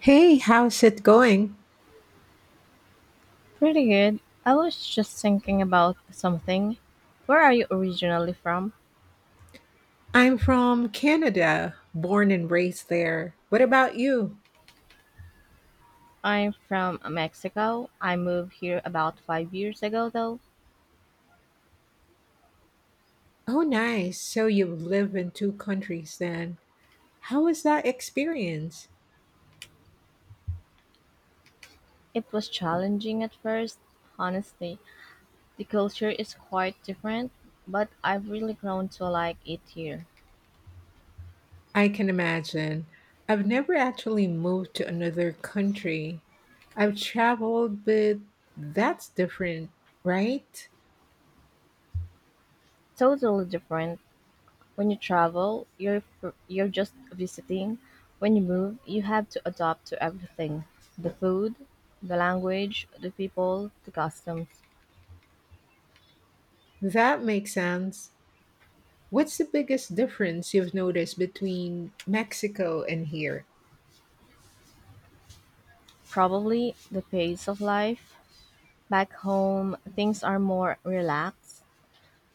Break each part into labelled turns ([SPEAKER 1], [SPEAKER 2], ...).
[SPEAKER 1] Hey, how's it going?
[SPEAKER 2] Pretty good. I was just thinking about something. Where are you originally from?
[SPEAKER 1] I'm from Canada, born and raised there. What about you?
[SPEAKER 2] I'm from Mexico. I moved here about 5 years ago, though.
[SPEAKER 1] Oh, nice. So you've lived in two countries then. How was that experience?
[SPEAKER 2] It was challenging at first, honestly. The culture is quite different, but I've really grown to like it here.
[SPEAKER 1] I can imagine. I've never actually moved to another country. I've traveled, but that's different, right?
[SPEAKER 2] Totally different. When you travel, you're just visiting. When you move, you have to adapt to everything: the food, the language, the people, the customs.
[SPEAKER 1] That makes sense. What's the biggest difference you've noticed between Mexico and here?
[SPEAKER 2] Probably the pace of life. Back home, things are more relaxed.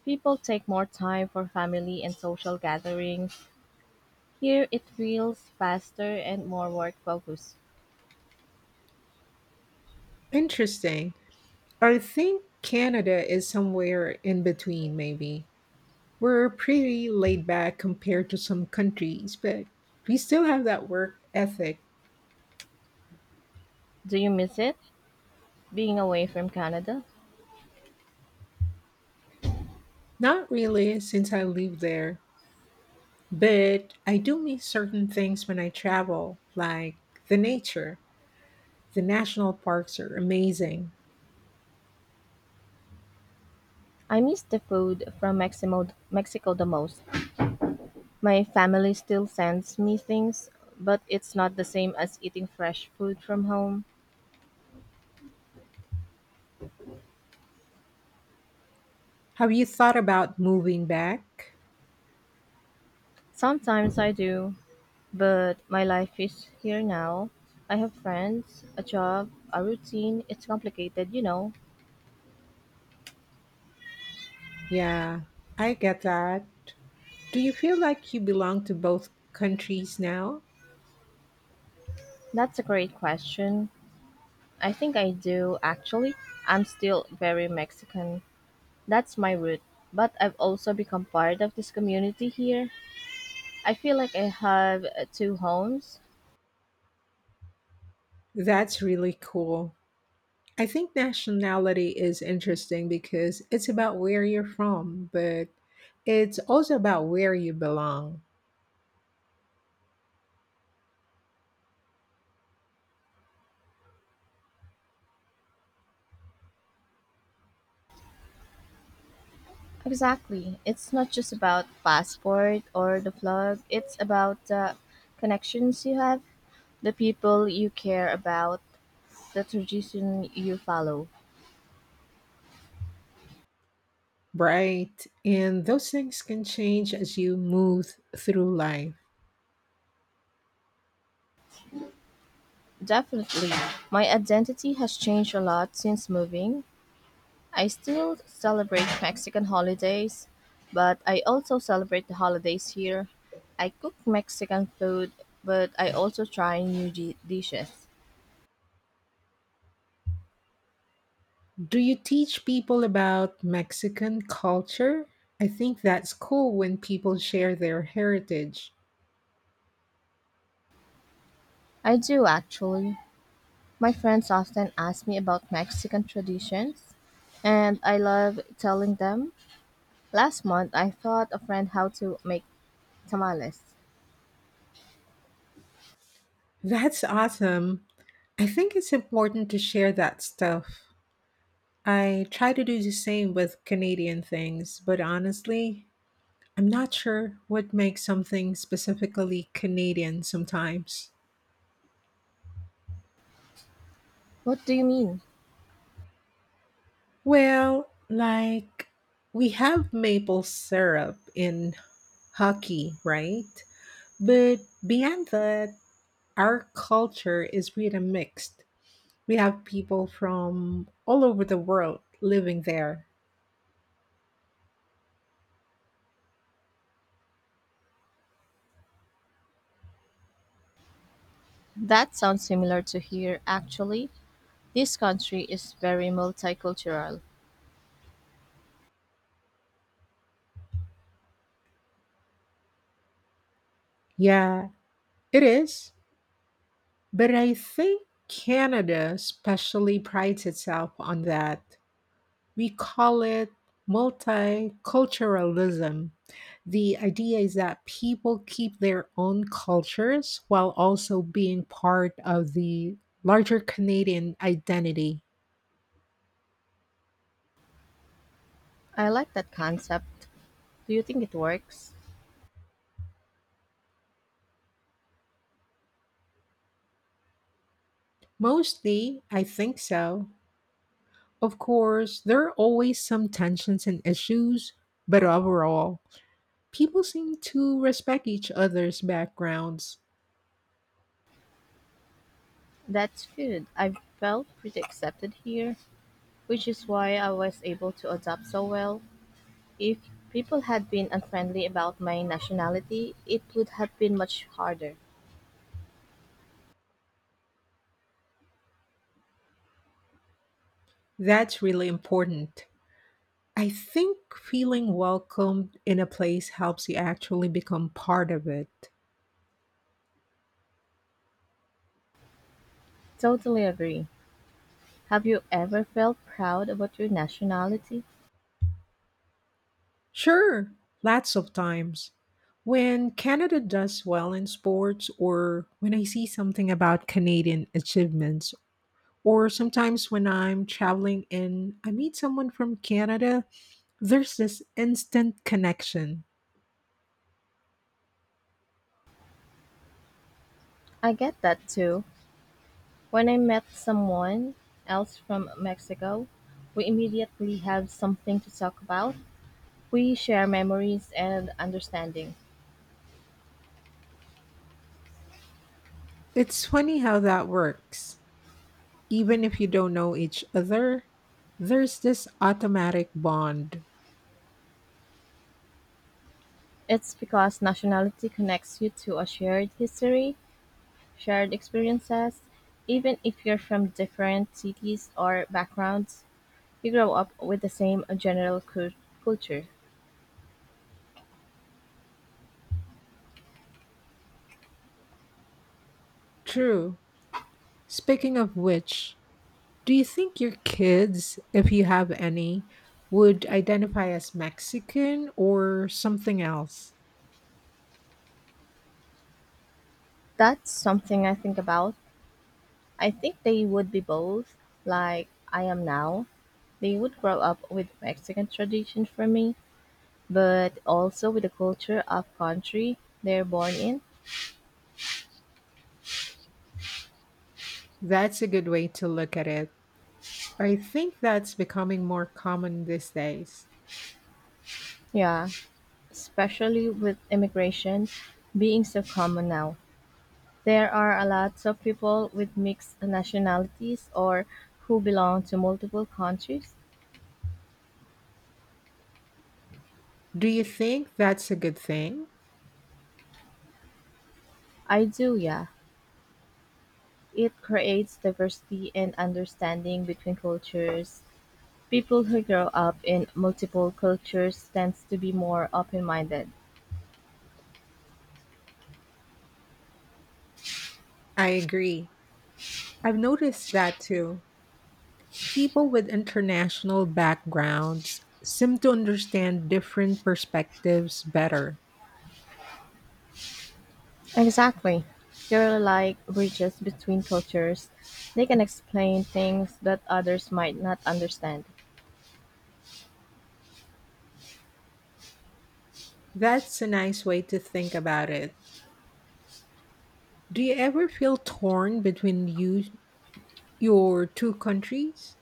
[SPEAKER 2] People take more time for family and social gatherings. Here, it feels faster and more work focused.
[SPEAKER 1] Interesting. I think Canada is somewhere in between, maybe. We're pretty laid back compared to some countries, but we still have that work ethic.
[SPEAKER 2] Do you miss it? Being away from Canada?
[SPEAKER 1] Not really since I live there, but I do miss certain things when I travel, like the nature. The national parks are amazing.
[SPEAKER 2] I miss the food from Mexico, Mexico the most. My family still sends me things, but it's not the same as eating fresh food from home.
[SPEAKER 1] Have you thought about moving back?
[SPEAKER 2] Sometimes I do, but my life is here now. I have friends, a job, a routine. It's complicated.
[SPEAKER 1] Yeah, I get that. Do you feel like you belong to both countries now?
[SPEAKER 2] That's a great question. I think I do, actually. I'm still very Mexican. That's my root. But I've also become part of this community here. I feel like I have two homes.
[SPEAKER 1] That's really cool. I think nationality is interesting because it's about where you're from, but it's also about where you belong,
[SPEAKER 2] Exactly. It's not just about passport or the plug. It's about the connections you have, the people you care about, the tradition you follow.
[SPEAKER 1] right? And those things can change as you move through life.
[SPEAKER 2] Definitely. My identity has changed a lot since moving. I still celebrate Mexican holidays, but I also celebrate the holidays here. I cook Mexican food, but I also try dishes.
[SPEAKER 1] Do you teach people about Mexican culture? I think that's cool when people share their heritage.
[SPEAKER 2] I do actually. My friends often ask me about Mexican traditions, and I love telling them. Last month, I taught a friend how to make tamales.
[SPEAKER 1] That's awesome. I think it's important to share that stuff. I try to do the same with Canadian things, but honestly, I'm not sure what makes something specifically Canadian sometimes.
[SPEAKER 2] What do you mean?
[SPEAKER 1] Well, like we have maple syrup in hockey, right? But beyond that, our culture is really mixed. We have people from all over the world living there.
[SPEAKER 2] That sounds similar to here, actually. This country is very multicultural.
[SPEAKER 1] Yeah, it is. But I think Canada especially prides itself on that. We call it multiculturalism. The idea is that people keep their own cultures while also being part of the larger Canadian identity.
[SPEAKER 2] I like that concept. Do you think it works?
[SPEAKER 1] Mostly, I think so. Of course, there are always some tensions and issues, but overall, people seem to respect each other's backgrounds.
[SPEAKER 2] That's good. I felt pretty accepted here, which is why I was able to adapt so well. If people had been unfriendly about my nationality, it would have been much harder.
[SPEAKER 1] That's really important. I think feeling welcomed in a place helps you actually become part of it.
[SPEAKER 2] Totally agree. Have you ever felt proud about your nationality?
[SPEAKER 1] Sure, lots of times. When Canada does well in sports, or when I see something about Canadian achievements, or sometimes when I'm traveling and I meet someone from Canada, there's this instant connection.
[SPEAKER 2] I get that too. When I met someone else from Mexico, we immediately have something to talk about. We share memories and understanding.
[SPEAKER 1] It's funny how that works. Even if you don't know each other, there's this automatic bond.
[SPEAKER 2] It's because nationality connects you to a shared history, shared experiences, even if you're from different cities or backgrounds. You grow up with the same culture.
[SPEAKER 1] True. Speaking of which, do you think your kids, if you have any, would identify as Mexican or something else?
[SPEAKER 2] That's something I think about. I think they would be both, like I am now. They would grow up with Mexican tradition for me, but also with the culture of country they're born in.
[SPEAKER 1] That's a good way to look at it. I think that's becoming more common these days.
[SPEAKER 2] Yeah, especially with immigration being so common now. There are a lot of people with mixed nationalities or who belong to multiple countries.
[SPEAKER 1] Do you think that's a good thing?
[SPEAKER 2] I do, yeah. It creates diversity and understanding between cultures. People who grow up in multiple cultures tends to be more open-minded.
[SPEAKER 1] I agree. I've noticed that too. People with international backgrounds seem to understand different perspectives better.
[SPEAKER 2] Exactly. They're like bridges between cultures. They can explain things that others might not understand.
[SPEAKER 1] That's a nice way to think about it. Do you ever feel torn between your two countries?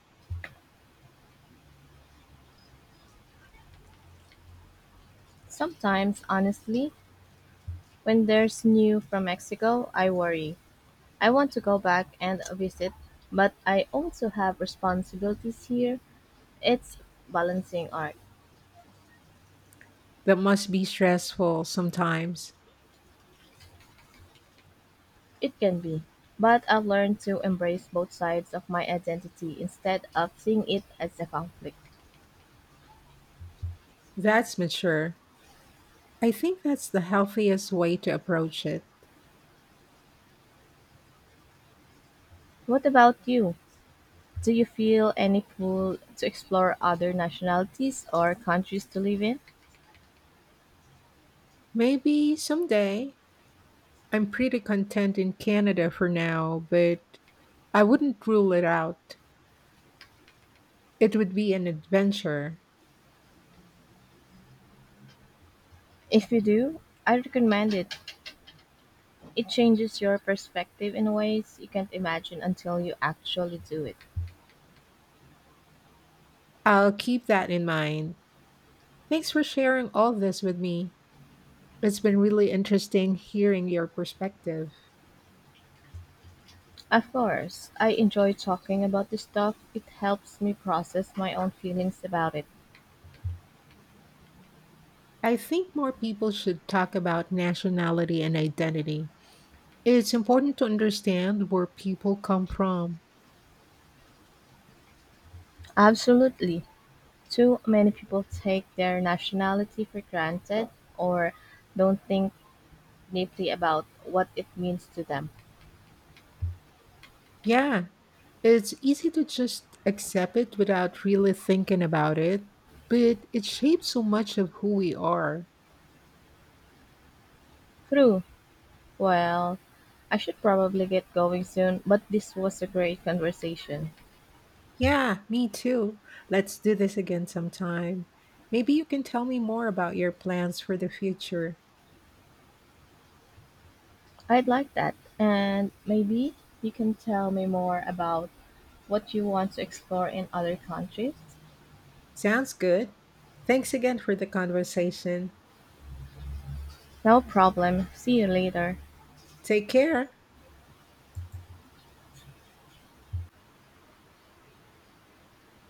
[SPEAKER 2] Sometimes, honestly, when there's new from Mexico, I worry. I want to go back and visit, but I also have responsibilities here. It's balancing art.
[SPEAKER 1] That must be stressful sometimes.
[SPEAKER 2] It can be, but I've learned to embrace both sides of my identity instead of seeing it as a conflict.
[SPEAKER 1] That's mature. I think that's the healthiest way to approach it.
[SPEAKER 2] What about you? Do you feel any pull to explore other nationalities or countries to live in?
[SPEAKER 1] Maybe someday. I'm pretty content in Canada for now, but I wouldn't rule it out. It would be an adventure.
[SPEAKER 2] If you do, I recommend it. It changes your perspective in ways you can't imagine until you actually do it.
[SPEAKER 1] I'll keep that in mind. Thanks for sharing all this with me. It's been really interesting hearing your perspective.
[SPEAKER 2] Of course, I enjoy talking about this stuff. It helps me process my own feelings about it.
[SPEAKER 1] I think more people should talk about nationality and identity. It's important to understand where people come from.
[SPEAKER 2] Absolutely. Too many people take their nationality for granted or don't think deeply about what it means to them.
[SPEAKER 1] Yeah, it's easy to just accept it without really thinking about it, but it shapes so much of who we are.
[SPEAKER 2] True. Well, I should probably get going soon, but this was a great conversation.
[SPEAKER 1] Yeah, me too. Let's do this again sometime. Maybe you can tell me more about your plans for the future.
[SPEAKER 2] I'd like that. And maybe you can tell me more about what you want to explore in other countries?
[SPEAKER 1] Sounds good. Thanks again for the conversation.
[SPEAKER 2] No problem. See you later.
[SPEAKER 1] Take care.